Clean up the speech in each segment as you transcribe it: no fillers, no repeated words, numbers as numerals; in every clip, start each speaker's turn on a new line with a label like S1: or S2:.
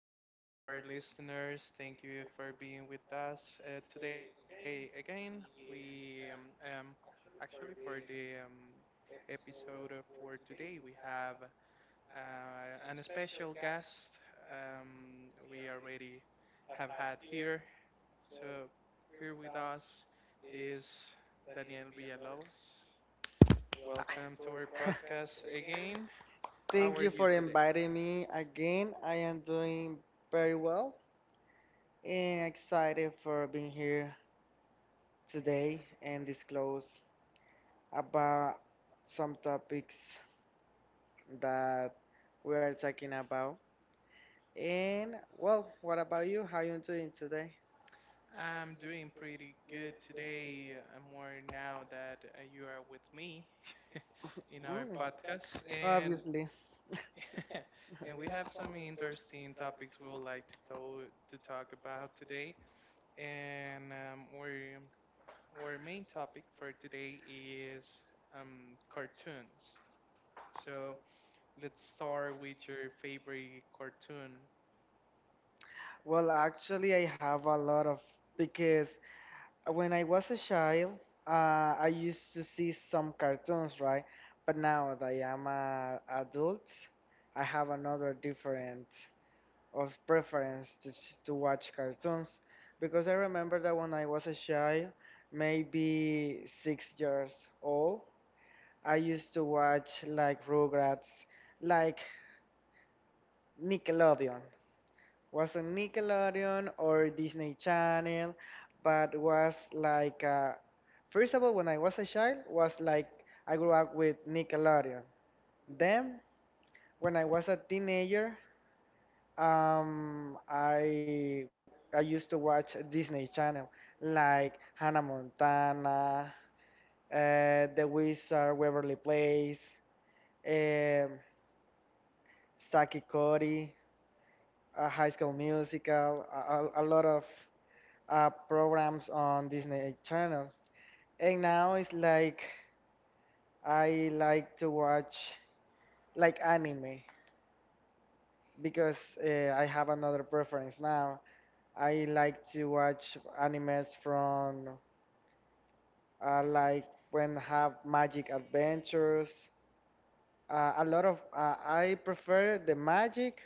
S1: Hello to our listeners. Thank you for being with us today again. We um, actually for the episode for today we have an special guest we already have had here. So here with us is Daniel Villalobos. Welcome to our podcast again. How
S2: Thank
S1: are
S2: you
S1: you
S2: for
S1: today?
S2: inviting me again. I am doing very well and excited for being here today and disclose about some topics that we are talking about. And well, what about you? How you doing today?
S1: I'm doing pretty good today. I'm more now that you are with me in our
S2: Mm,
S1: podcast, and
S2: obviously.
S1: and we have some interesting topics we would like to talk about today. And our main topic for today is cartoons. So let's start with your favorite cartoon.
S2: Well, actually, I have a lot of because when I was a child, uh, I used to see some cartoons, right? But now that I am a adult, I have another different of preference to watch cartoons because I remember that when I was a child, maybe 6 years old, I used to watch like Rugrats, like Nickelodeon was on Nickelodeon or Disney Channel, but was like first of all when I was a child was like I grew up with Nickelodeon. Then when I was a teenager, um, I I used to watch Disney Channel like Hannah Montana, The Wizard, Waverly Place, um Saki Cody, High School Musical, a lot of programs on Disney Channel. And now it's like I like to watch like anime because I have another preference now. I like to watch animes from like when have magic adventures. A lot of I prefer the magic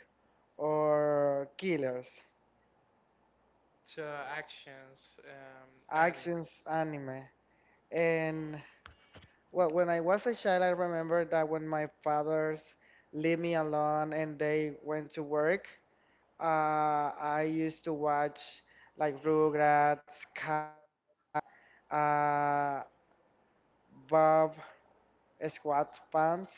S2: or killers
S1: So actions, um, animes.
S2: actions anime, and well, when I was a child, I remember that when my fathers leave me alone and they went to work, I used to watch like Rugrats, Cockdog, uh, Bob Squat Pants,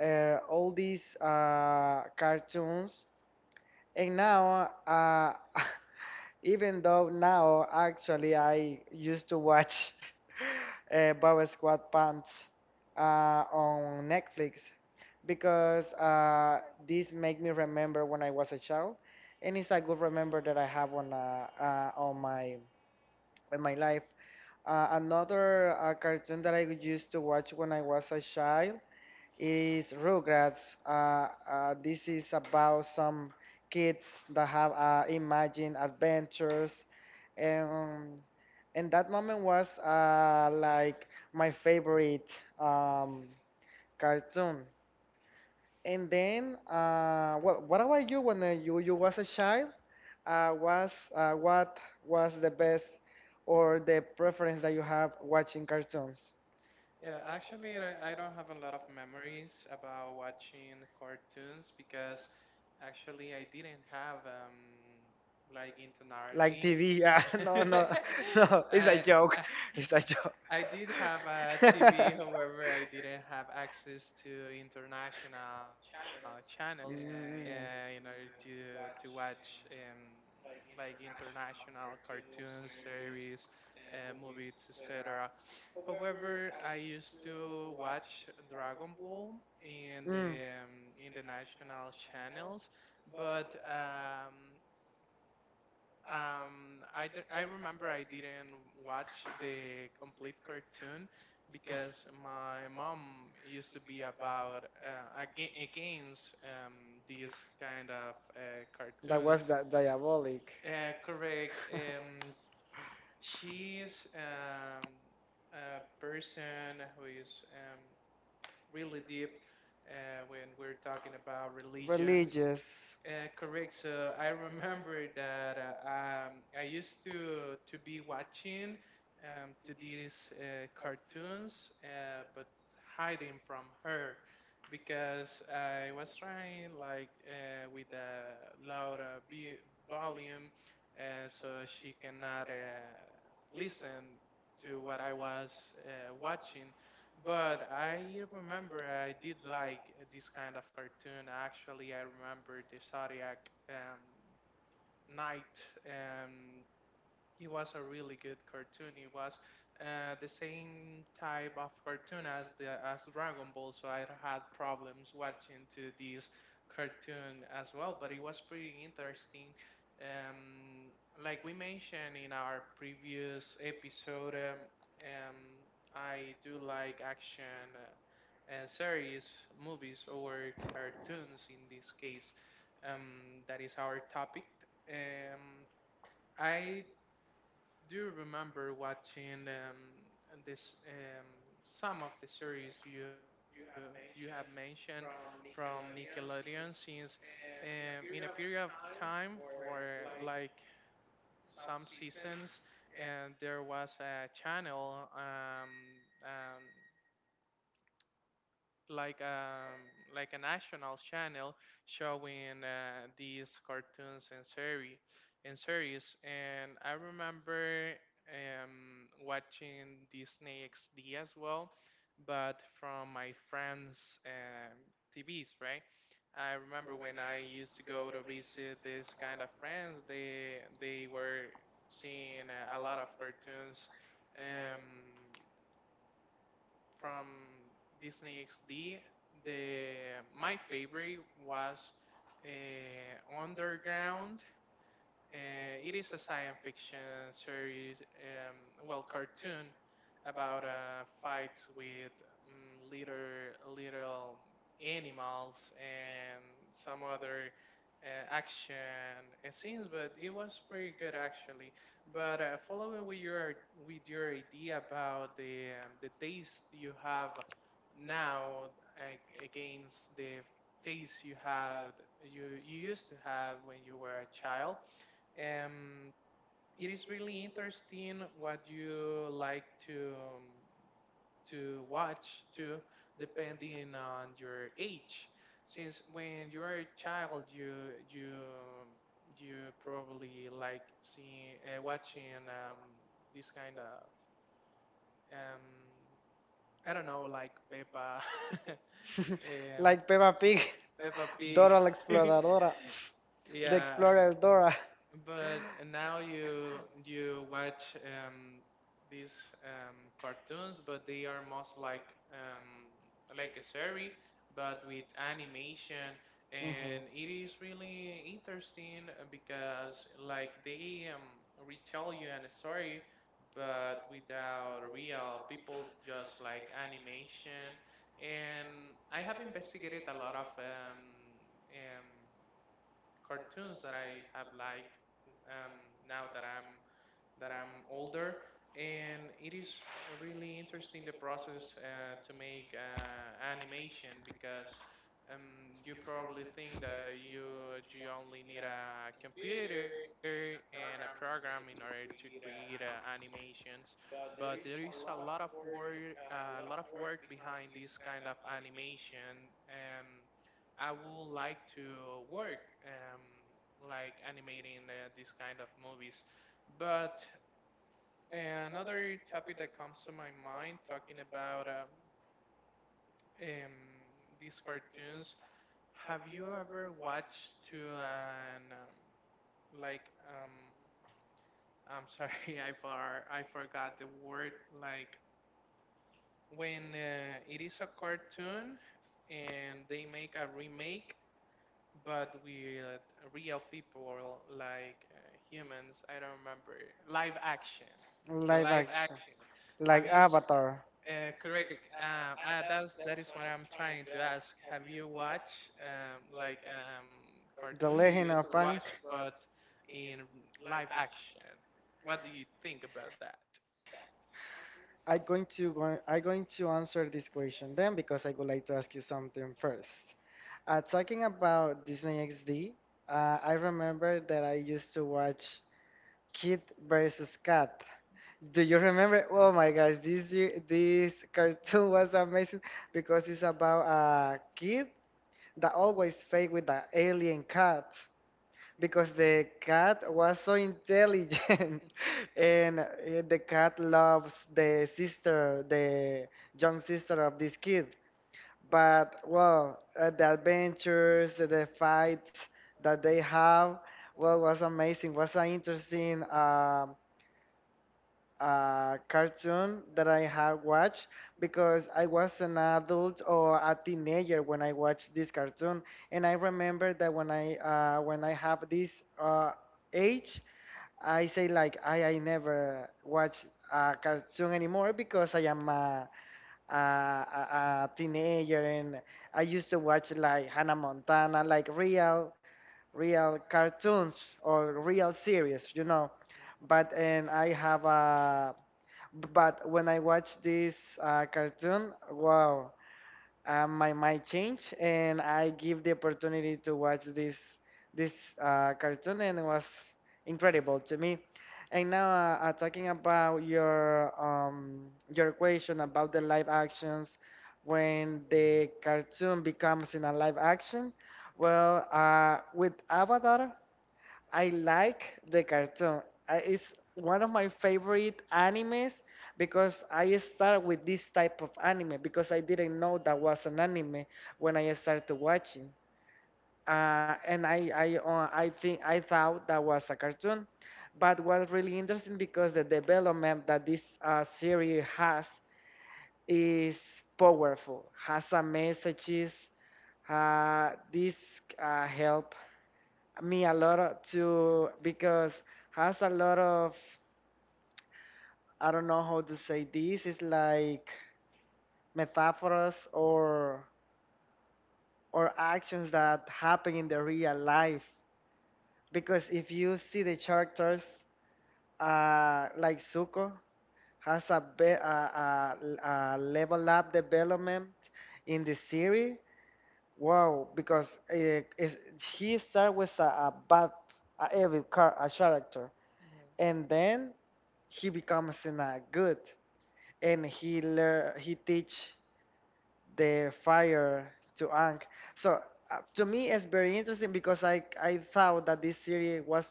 S2: all these cartoons, and now, even though now actually I used to watch Bob Squad Pants on Netflix because this make me remember when I was a child, and it's a good remember that I have on my life. Another cartoon that I used to watch when I was a child is Rugrats. This is about some kids that have imagined adventures, and and that moment was like my favorite um, cartoon. And then, what about you when you was a child? Was what was the best or the preference that you have watching cartoons?
S1: Yeah, actually, I don't have a lot of memories about watching cartoons because actually I didn't have like internet.
S2: TV, yeah. No. It's a
S1: I
S2: joke.
S1: I
S2: It's a joke.
S1: I did have a TV, however, I didn't have access to international channels in order to watch like international cartoons, series, movies, etc. However, I used to watch Dragon Ball in the in channels, but I remember I didn't watch the complete cartoon because my mom used to be about against these kind of cartoons.
S2: That diabolic.
S1: Correct. She's a person who is really deep when we're talking about religions.
S2: Religious.
S1: Correct. So I remember that I used to be watching to these cartoons, but hiding from her because I was trying like with a louder volume, so she cannot listen to what I was watching. But I remember I did like this kind of cartoon. Actually, I remember the Zodiac um, Knight. Um, it was a really good cartoon. It was the same type of cartoon as the as Dragon Ball, so I had problems watching to this cartoon as well. But it was pretty interesting. Um, like we mentioned in our previous episode, um, I do like action series, movies, or cartoons in this case. That is our topic. Um, I do you remember watching and this some of the series you have mentioned from Nickelodeon since in a period of time for like some seasons and there was a channel um, like like a national channel showing these cartoons and series and I remember watching Disney XD as well but from my friends TVs, right? I remember when I used to go to visit this kind of friends they were seeing a lot of cartoons um, from Disney XD. The my favorite was Underground. It is a science fiction series, um, well, cartoon about fights with little animals and some other uh, action scenes. But it was pretty good actually. But following with your idea about the taste you have now against the taste you had you used to have when you were a child, um, it is really interesting what you like to watch too, depending on your age. Since when you are a child, you you probably like seeing watching this kind of um, I don't know, like Peppa,
S2: uh,
S1: um,
S2: Like Peppa Pig,
S1: Peppa Pig. Yeah.
S2: Dora.
S1: But now you watch these cartoons, but they are most um, like a series, but with animation, and it is really interesting because like they retell you an story, but without real people, just like animation. And I have investigated a lot of cartoons that I have liked um, now that I'm older, and it is really interesting the process to make animation because you probably think that you only need a computer and a program in order to create animations, but there is a lot of work behind this kind of animation. I would like to work like animating these kind of movies. But another topic that comes to my mind, talking about um, these cartoons. Have you ever watched to an like I'm sorry, I forgot the word. Like when it is a cartoon and they make a remake, but with real people like humans. I don't remember live action. The
S2: Live
S1: live
S2: action.
S1: action. Have
S2: Like
S1: you
S2: Avatar.
S1: Correct. That's that is what I'm trying to ask. Have you watched like
S2: The
S1: cartoon you
S2: Legend
S1: used
S2: of
S1: to
S2: Aang.
S1: watch, but in live action? What do you think about that?
S2: I'm going to answer this question then because I would like to ask you something first. Talking about Disney XD, I remember that I used to watch Kid versus Cat. Do you remember? Oh my gosh, this cartoon was amazing because it's about a kid that always fight with the alien cat because the cat was so intelligent and the cat loves the sister, the young sister of this kid. But well, the adventures, the fights that they have, well, was amazing. Was an interesting cartoon that I have watched because I was an adult or a teenager when I watched this cartoon, and I remember that when I have this uh, age, I say like I never watch a cartoon anymore because I am a teenager, and I used to watch like Hannah Montana, like real cartoons or real series, you know. But and I have a but when I watch this cartoon, wow, my mind changed, and I give the opportunity to watch this cartoon, and it was incredible to me. And now, talking about your question about the live actions, when the cartoon becomes in a live action, well, with Avatar. I like the cartoon. It's one of my favorite animes because I start with this type of anime because I didn't know that was an anime when I started watching. And I thought that was a cartoon, but was really interesting because the development that this series has is powerful, has some messages. This help me to because has a lot of I don't know how to say this. It's like metaphors or actions that happen in the real life. Because if you see the characters like Zuko, has a, be- a level up development in the series. Wow, because uh, is, he started with a bad, a evil car, a character,
S1: Mhm.
S2: and then he becomes in a good, and he teach the fire to Ang. So to me, it's very interesting because I thought that this series was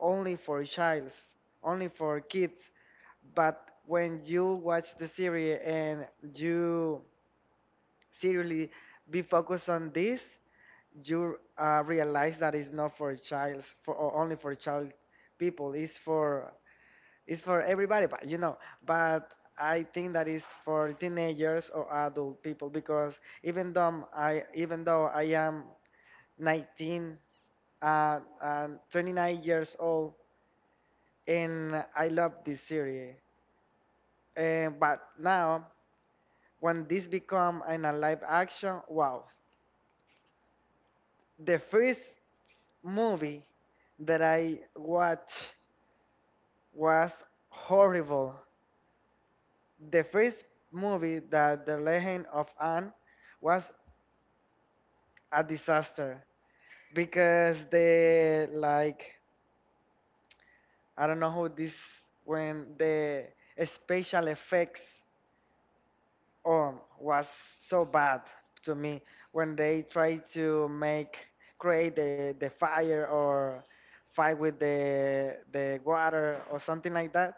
S2: only for childs, only for kids, but when you watch the series and you seriously, be focused on this. You realize that it's not for child, for or only for child people. It's for everybody, but you know. But I think that is for teenagers or adult people because even though I am 19 and 29 years old, and I love this series. But now, when this become an a live action, wow! The first movie that I watched was horrible. The first movie that The Legend of Anne was a disaster because the like I don't know how this when the special effects was so bad to me when they tried to make create the fire or fight with the water or something like that.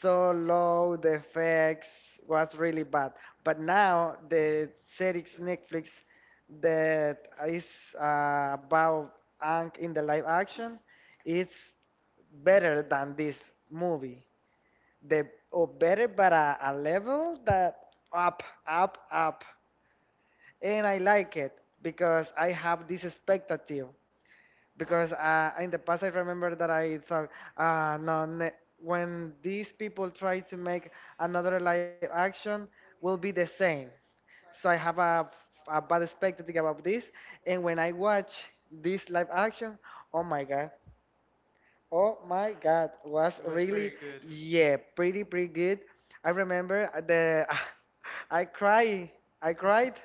S2: So low the effects was really bad. But now the series Netflix that is about Ang in the live action, it's better than this movie the or better but a level that up up up, and I like it because I have this expectative because in the past I remember that I thought no when these people try to make another live action will be the same, so I have a bad expectative about this, and when I watch this live action oh my god Oh my God, was
S1: It was
S2: really
S1: very good.
S2: yeah, pretty pretty good. I remember the I cry I cried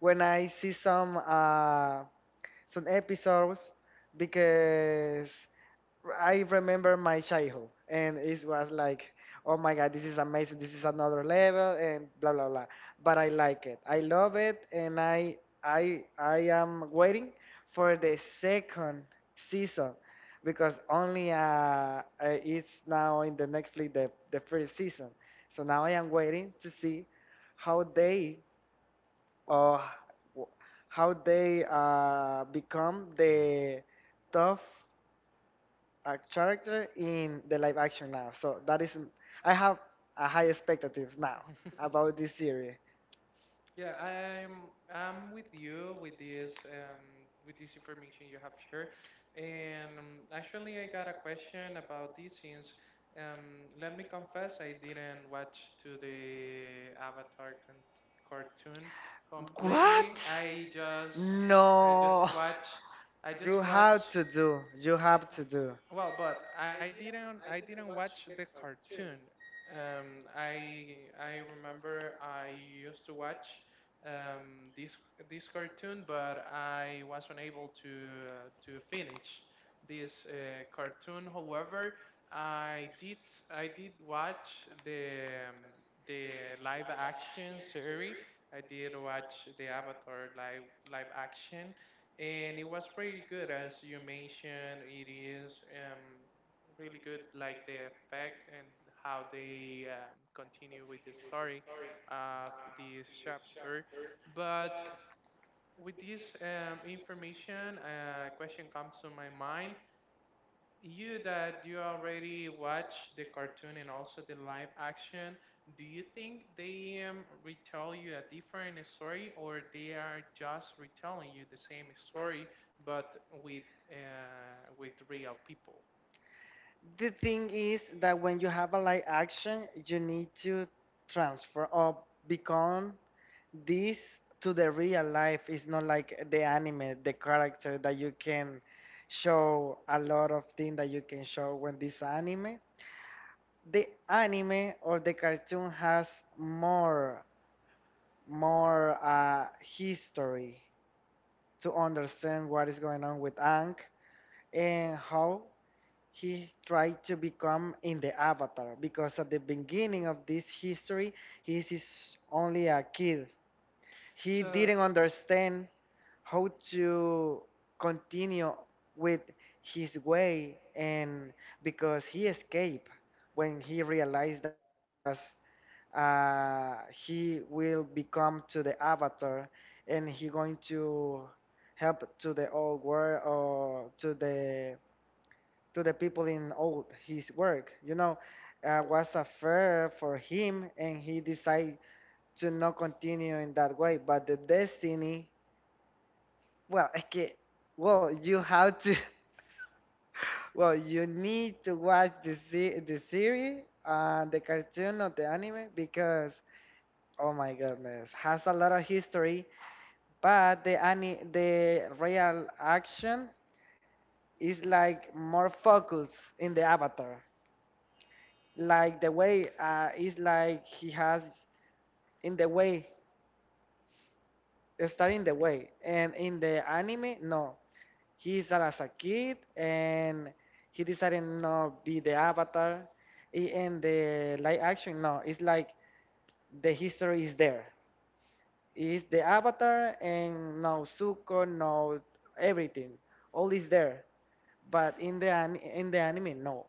S2: when I see some episodes because I remember my childhood, and it was like, oh my God, this is amazing. This is another level, and blah blah blah. But I like it. I love it, and I am waiting for the second season because only it's now in the Netflix the first season. So now I am waiting to see how they uh, w- how they become the tough a character in the live action now. So that is, I have a high expectative now about this series.
S1: Yeah, I'm with you with this information you have shared, and actually I got a question about this since let me confess I didn't watch to the Avatar con cartoon
S2: What?
S1: completely. I just
S2: No.
S1: watch I
S2: You
S1: just watch
S2: have to do. You have to
S1: I,
S2: do.
S1: well, but I didn't watch the cartoon. Um, I I remember I used to watch um, this this cartoon, but I was unable to finish this cartoon. However, I did I did watch the live action series. I did watch the Avatar live action and it was pretty good. As you mentioned, it is um, really good like the effect and how they continue with the story of this chapter. But with this information a question comes to my mind, you that you already watch the cartoon and also the live action, do you think they retell you a different story or they are just retelling you the same story but with with real people?
S2: The thing is that when you have a live action, you need to transfer or become this to the real life. It's not like the anime, the character that you can show a lot of things that you can show when this anime. The anime or the cartoon has more more history to understand what is going on with Ang and how he tried to become in the avatar because at the beginning of this history he is only a kid. He
S1: So
S2: didn't understand how to continue with his way, and because he escaped when he realized that he will become to the avatar, and he going to help to the old world or to the people in old his work, was a fair for him, and he decided to not continue in that way, but the destiny, well. Okay, well you have to. Well, you need to watch the series and the cartoon or the anime because oh my goodness has a lot of history. But the real action is like more focus in the avatar. Like the way is like he has in the way, starting the way. And in the anime, no. He's as a kid and he decided not be the avatar. And the live action, no. It's like the history is there. It's the avatar and no Zuko, no everything. All is there, but in in the anime no,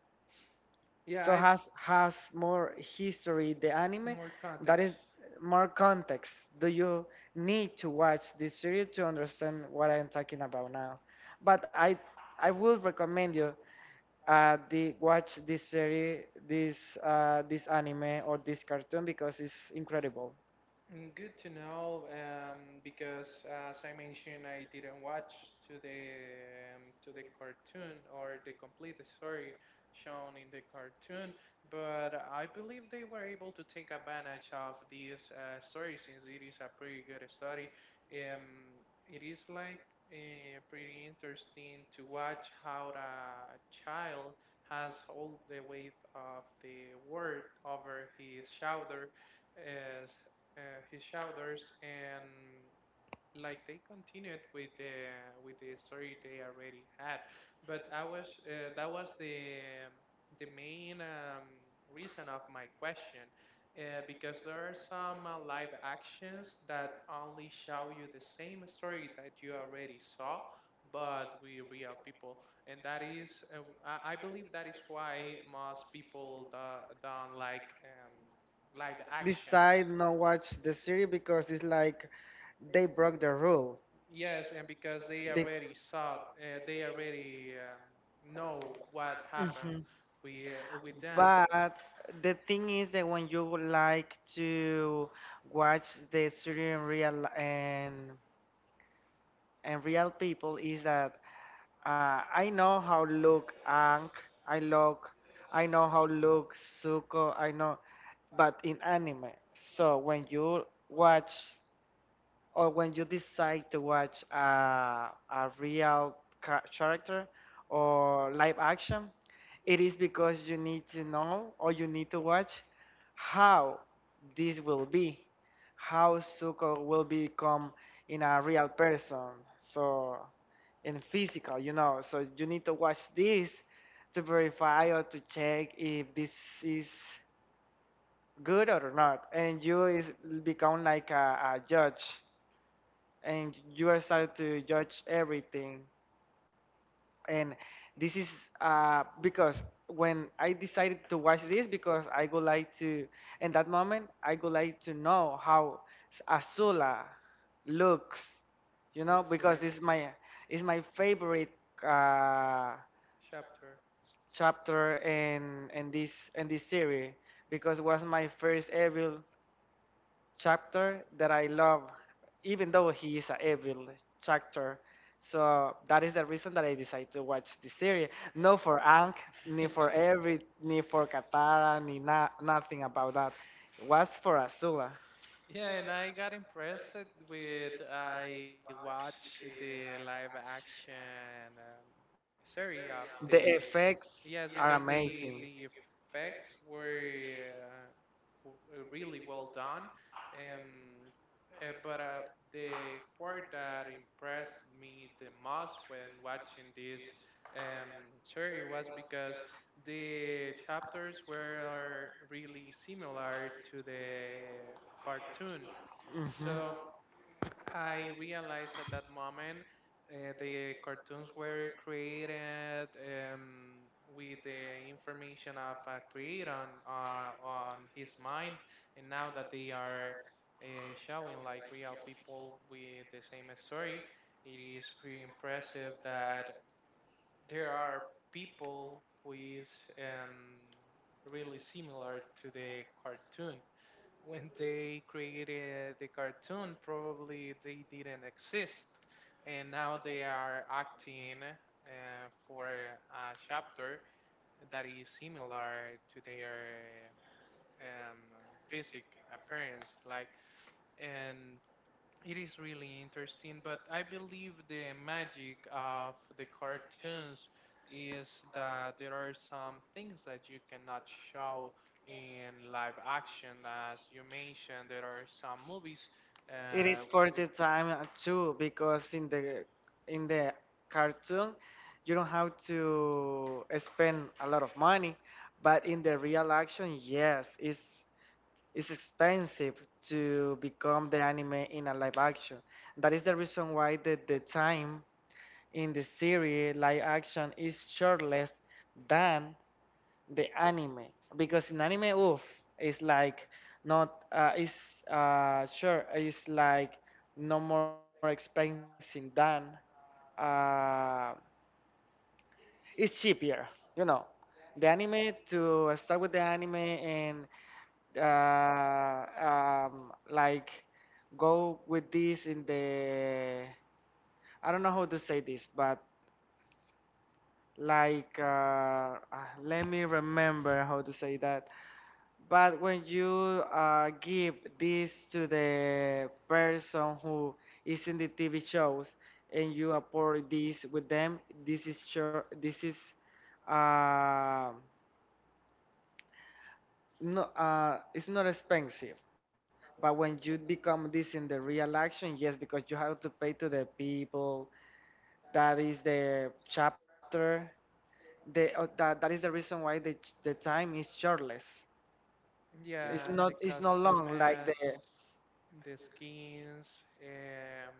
S1: yeah, I
S2: so
S1: have
S2: has more history the anime
S1: more
S2: that is
S1: context.
S2: more context. Do you need to watch this series to understand what I'm talking about now, but I would recommend you the watch this series, this anime or this cartoon because it's incredible.
S1: Mm. Good to know, because as I mentioned, I didn't watch to the cartoon or the complete story shown in the cartoon, but I believe they were able to take advantage of this story since it is a pretty good story. Um, it is like pretty interesting to watch how a child has all the weight of the world over his shoulder, as his shoulders, and like they continued with the story they already had. But I was that was the main reason of my question. Because there are some live actions that only show you the same story that you already saw, but with real people, and that is, I I believe that is why most people don't like live actions.
S2: Decide not watch the series because it's like they broke the rule.
S1: Yes, and because they already saw, they already know what happened
S2: Mhm.
S1: with with them.
S2: But the thing is that when you would like to watch the studio in real and real people is that I know how look Ang, I look, I know how look Suko, I know, but in anime. So when you watch or when you decide to watch a character or live action, it is because you need to know or you need to watch how this will be, how Zuko will become in a real person, so in physical, you know. So you need to watch this to verify or to check if this is good or not, and you is become like a judge and you are starting to judge everything. And this is because when I decided to watch this, because I would like to, in that moment, I would like to know how Azula looks, you know,
S1: Looks
S2: because
S1: like
S2: it's my favorite uh,
S1: chapter.
S2: chapter in this series because it was my first ever chapter that I love, even though he is an evil chapter. So that is the reason that I decided to watch this series. Not for Ang, ni for every, ni for Katara, ni nothing about that. It was for Azula.
S1: Yeah, and I got impressed with I watched the live action series of
S2: The
S1: the
S2: effects
S1: yes,
S2: are
S1: because
S2: amazing.
S1: the effects were really well done, um, but the part that impressed me the most when watching this um, series was because the chapters were really similar to the cartoon.
S2: Mhm.
S1: So I realized at that moment the cartoons were created with the information of a creator on his mind, and now that they are uh, showing like real people with the same story, it is pretty impressive that there are people who is um, really similar to the cartoon. When they created the cartoon, probably they didn't exist, and now they are acting for a chapter that is similar to their um, physic appearance. Like, and it is really interesting, but I believe the magic of the
S2: Change
S1: cartoons
S2: is
S1: is that there are some things that you cannot show in
S2: in
S1: live
S2: actions.
S1: action.
S2: As
S1: As you
S2: you mentioned,
S1: mentioned,
S2: there
S1: there are
S2: are some
S1: some
S2: movies.
S1: movies
S2: It is
S1: uh,
S2: for
S1: with,
S2: the time too, because in the in the cartoon you don't have to spend a lot of money, but in the real action, yes, it's expensive to become the anime in a live action. That is the reason why the time in the series live action is shortless than the anime, because in anime, oof, it's like not it's sure it's like no more expensive than uh, it's cheaper, you know, the anime to start with the anime, and uh, like go with this in the, I don't know how to say this, but like let me remember how to say that. But when you give this to the person who is in the TV shows and you upload this with them, this is sure, this is uh, no, it's not expensive, but when you become this in the real action, yes, because you have to pay to the people that is the chapter, the that is the reason why the time is shortless. It's
S1: yeah, the
S2: not it's not long like the.
S1: costumes, the skins,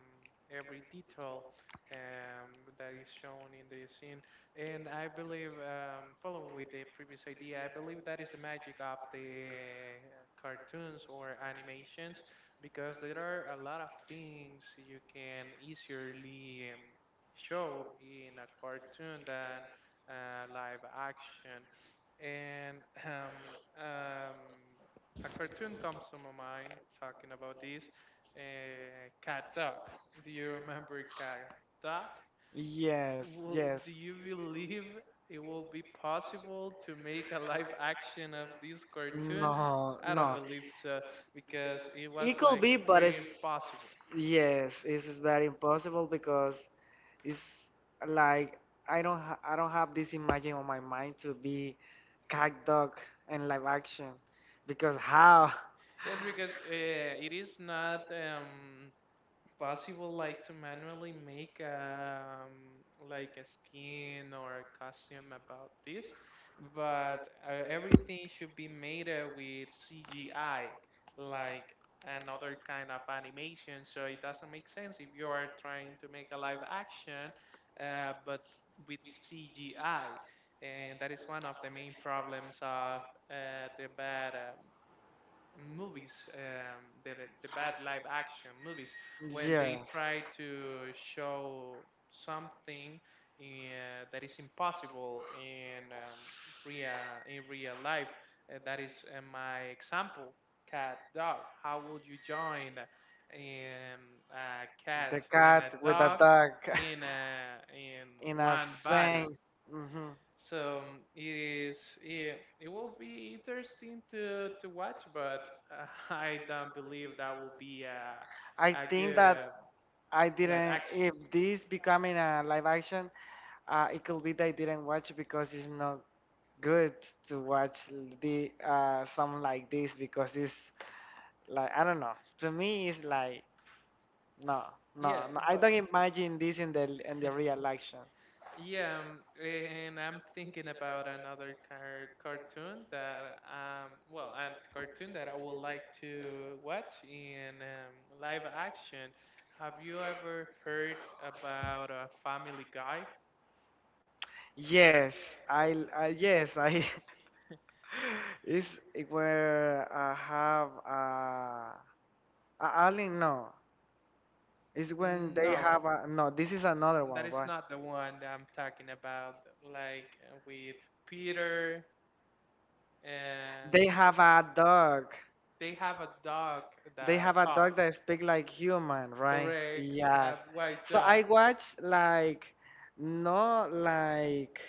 S1: every detail um, that is shown in the scene. And I believe, following with the previous idea, I believe that is the magic of the cartoons or animations because there are a lot of things you can easily show in a cartoon than live action. And um, um, a cartoon comes to my mind talking about this cat dog. Do you remember cat dog?
S2: Yes, yes.
S1: Do you believe it will be possible to make a live action of this cartoon?
S2: No,
S1: I don't
S2: no.
S1: believe so because it
S2: It
S1: was
S2: could
S1: like
S2: be, but it's,
S1: pretty impossible.
S2: yes, it's very impossible, because it's like I don't have this imagine on my mind to be cat dog and live action, because how.
S1: Yes, because it is not possible like to manually make like a skin or a costume about this, but everything should be made with CGI, like another kind of animation. So it doesn't make sense if you are trying to make a live action, but with CGI. And that is one of the main problems of the bad movies, the bad live action movies, when they
S2: Yeah.
S1: try to show something that is impossible in real in real life. That is my example. Cat dog. How would you join in a cat
S2: The
S1: and a
S2: cat with a
S1: dog
S2: dog
S1: in
S2: in a
S1: one body?
S2: sense. Hmm.
S1: So it is it will be interesting to watch, but I don't believe that will be a
S2: I
S1: a
S2: think
S1: good
S2: that I
S1: live
S2: didn't,
S1: action.
S2: if this becoming a live action, it could be that I didn't watch, because it's not good to watch the something like this, because it's like I don't know. To me, it's like. No, no,
S1: Yeah,
S2: no. I
S1: but
S2: don't imagine this in the real action.
S1: Yeah, and I'm thinking about another cartoon that a cartoon that I would like to watch in live action. Have you ever heard about a Family Guy?
S2: Yes, I yes, I it's where I have a alien, no. It's
S1: Mm,
S2: when they
S1: no,
S2: have a no, this is another
S1: that
S2: one,
S1: is
S2: right?
S1: not the one that I'm talking about. Like with Peter,
S2: They
S1: uh,
S2: have a dog.
S1: they have a dog
S2: They
S1: that
S2: have a
S1: talks.
S2: dog that speak like human, right?
S1: Correct, a
S2: Yes.
S1: white
S2: So
S1: dog
S2: I watch like no like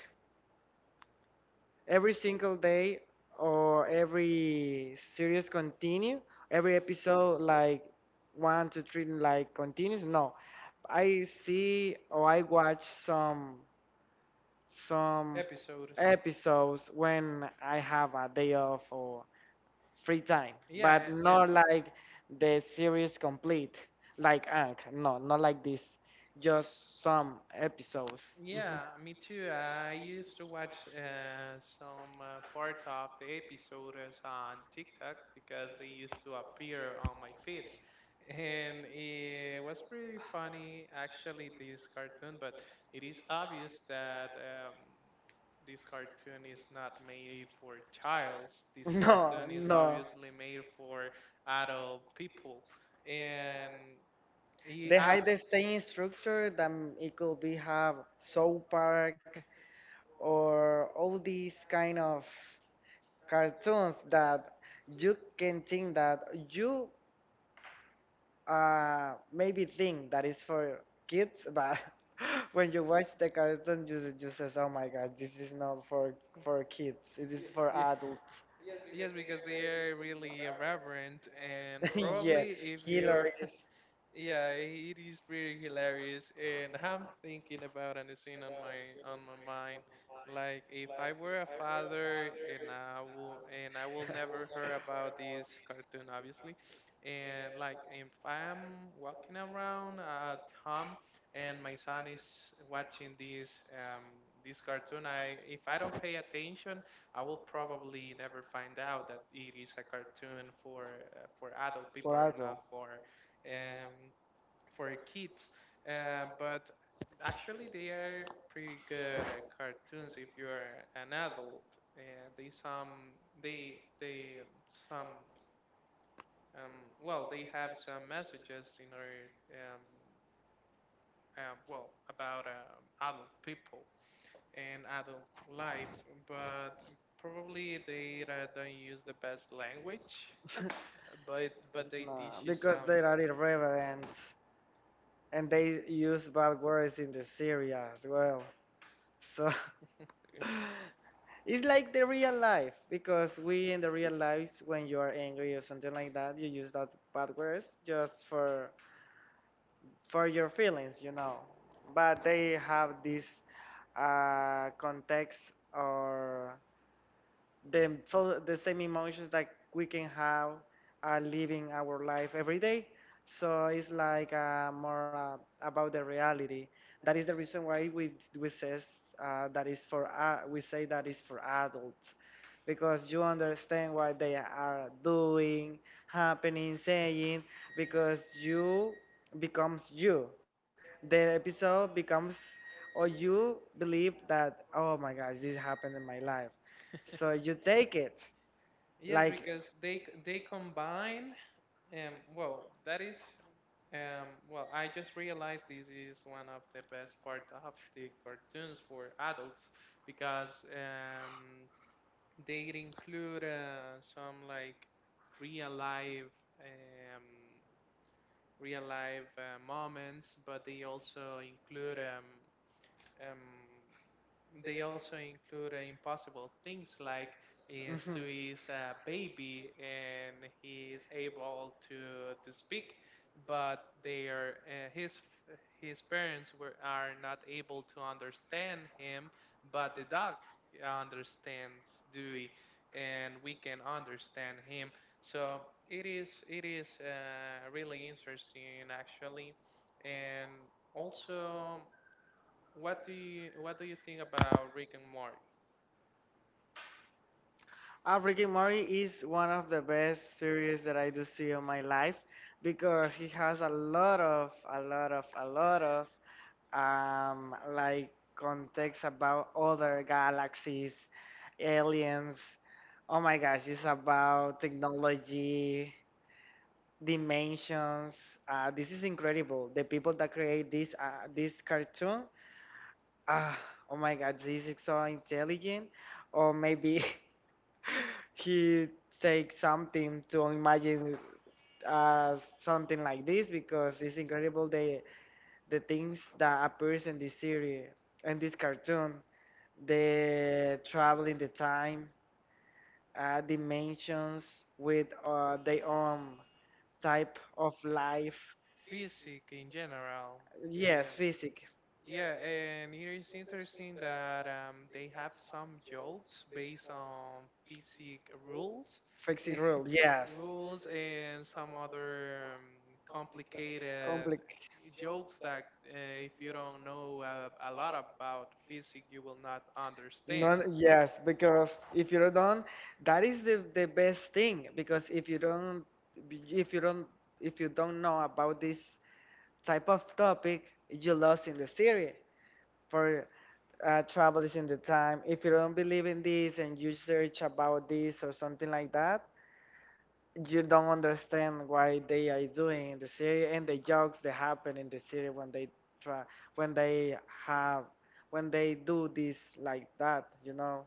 S2: every single day or every series continue every episode like one to three like continues, no, I see or I watch some
S1: episodes.
S2: episodes when I have a day off or free time,
S1: Yeah,
S2: but. Yeah.
S1: and.
S2: Not like the series complete like Ank. No, not like this, just some episodes.
S1: Yeah, me too. I used to watch some part of the episodes on TikTok because they used to appear on my feed. And it was pretty funny, actually, this cartoon, but it is obvious that this cartoon is not made for childs. This
S2: No,
S1: cartoon is
S2: no.
S1: obviously made for adult people. And Ye-
S2: They
S1: I,
S2: have the same structure that it could be have South Park or all these kind of cartoons that you can think that you maybe think that is for kids, but when you watch the cartoon, you just says, "Oh my God, this is not for kids. It
S1: y-
S2: is for adults."
S1: Yes, because they are really irreverent, and probably
S2: Yeah,
S1: if you're
S2: Hillary.
S1: Yeah, it is pretty hilarious, and I'm thinking about and it's in on my mind. Like if I were a father, and I will never hear about this cartoon, obviously. And like if I'm walking around at home and my son is watching this this cartoon, I if I don't pay attention, I will probably never find out that it is a cartoon for adult people and not for um, for kids, but actually they are pretty good at cartoons if you are an adult. They they they um, some um, they have some messages in our about adult people and adult life, but probably they don't use the best language,
S2: For
S1: but they teach
S2: no,
S1: you
S2: because
S1: some
S2: they are irreverent and they use bad words in the series as well. So it's like the real life, because we in the real lives, when you are angry or something like that, you use that bad words just for your feelings, you know. But they have this context or the so the same emotions that we can have living our life every day. So it's like more about the reality. That is the reason why we says that is for we say that is for adults, because you understand what they are doing, happening, saying, because you becomes you the episode becomes or you believe that, oh my gosh, this happened in my life, so you take it
S1: Yes,
S2: like.
S1: because they combine. Um, well, that is. I just realized this is one of the best part of the cartoons for adults because they include some like real life um, real life moments, but um, they also include impossible things like is
S2: Mhm.
S1: to his baby and he is able to speak, but they are his parents were are not able to understand him, but the dog understands Dewey, and we can understand him. So it is really interesting actually, and also. What do you think about Rick and Morty?
S2: Rick and Morty is one of the best series that I do see in my life, because he has a lot of, a lot of, a lot of like context about other galaxies, aliens. Oh my gosh, it's about technology, dimensions. This is incredible. The people that create this cartoon, ah, oh my God, this is so intelligent. Or maybe he takes something to imagine something like this, because it's incredible the things that appears in this series and this cartoon, the traveling the time, dimensions with their own type of life,
S1: Physics in general.
S2: yes,
S1: Um,
S2: physics,
S1: yeah, and it is interesting that they have some jokes based on physics rules, eh,
S2: physics rule, yes,
S1: rules, and some other complicated
S2: complex.
S1: jokes that if you don't know a lot about physics, you will not understand.
S2: None, yes, because if you don't, that is the best thing. Because if you don't, if you don't, if you don't know about this type of topic, you lost in the series. For travel is in the time. If you don't believe in this and you search about this or something like that, you don't understand why they are doing in the series and the jokes that happen in the series when they try, when they have, when they do this like that, you know.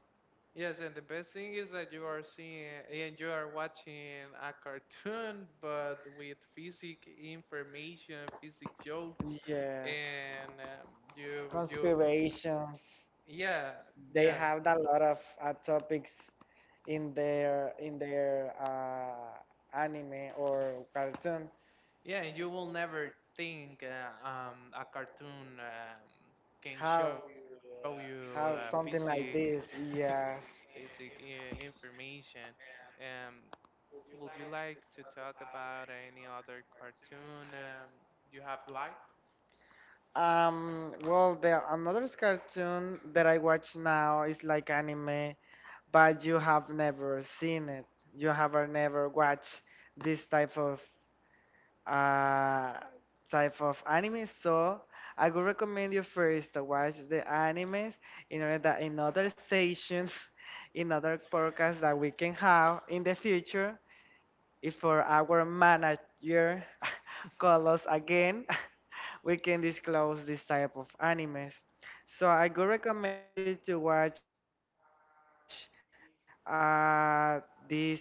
S1: Yes, and the best thing is that you are seeing and you are watching a cartoon, but with physic information, physic jokes,
S2: Yes.
S1: and you
S2: Conspirations.
S1: yeah,
S2: They
S1: yeah,
S2: have a lot of topics in their anime or cartoon.
S1: yeah, and you will never think a cartoon can
S2: How
S1: show you
S2: how
S1: physic
S2: something like this? Yes.
S1: physic information. Um, Would you like to talk about any other cartoon you have liked?
S2: Well, the another cartoon that I watch now is like anime, but you have never seen it. You have never watched this uh type of anime. So I would recommend you first to watch the animes in order that in other sessions, in other podcasts that we can have in the future, if for our manager call us again, we can disclose this type of animes. So I could recommend you to watch uh, this series Ank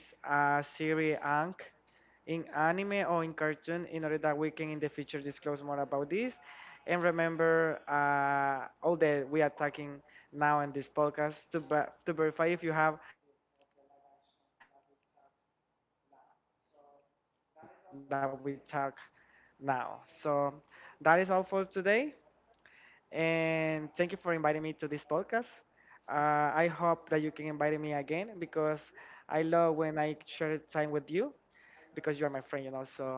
S2: in anime or in cartoon in order that we can in the future disclose more about this. And remember all that we are talking now in this podcast to, to verify if you have another expectative of the live action that we talk now. So that is all for today. And thank you for inviting me to this podcast. I hope that you can invite me again, because I love when I share time with you, because you are my friend, you know. So I love this time with you.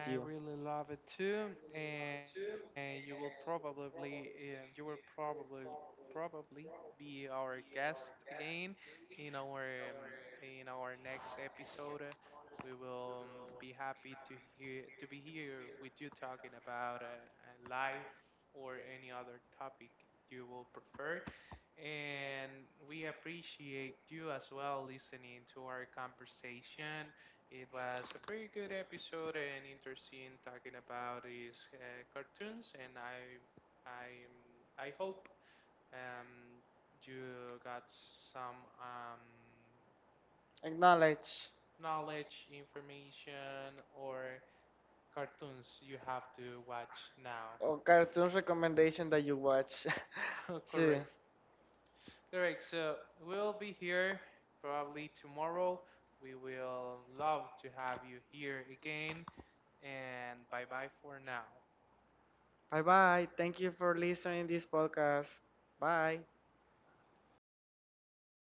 S1: I really love it too, and you will probably you will probably be our guest again in our um, in our next episode. We will be happy to hear to be here with you talking about life or any other topic you will prefer. And we appreciate you as well listening to our conversation. It was a pretty good episode and interesting talking about these cartoons, and I hope um, you got some
S2: Acknowledge.
S1: knowledge, information, or cartoons you have to watch now.
S2: Or cartoon recommendation that you watch too.
S1: Correct. Correct. So we'll be here probably tomorrow. We will love to have you here again, and bye bye for now.
S2: Bye bye. Thank you for listening this podcast. Bye.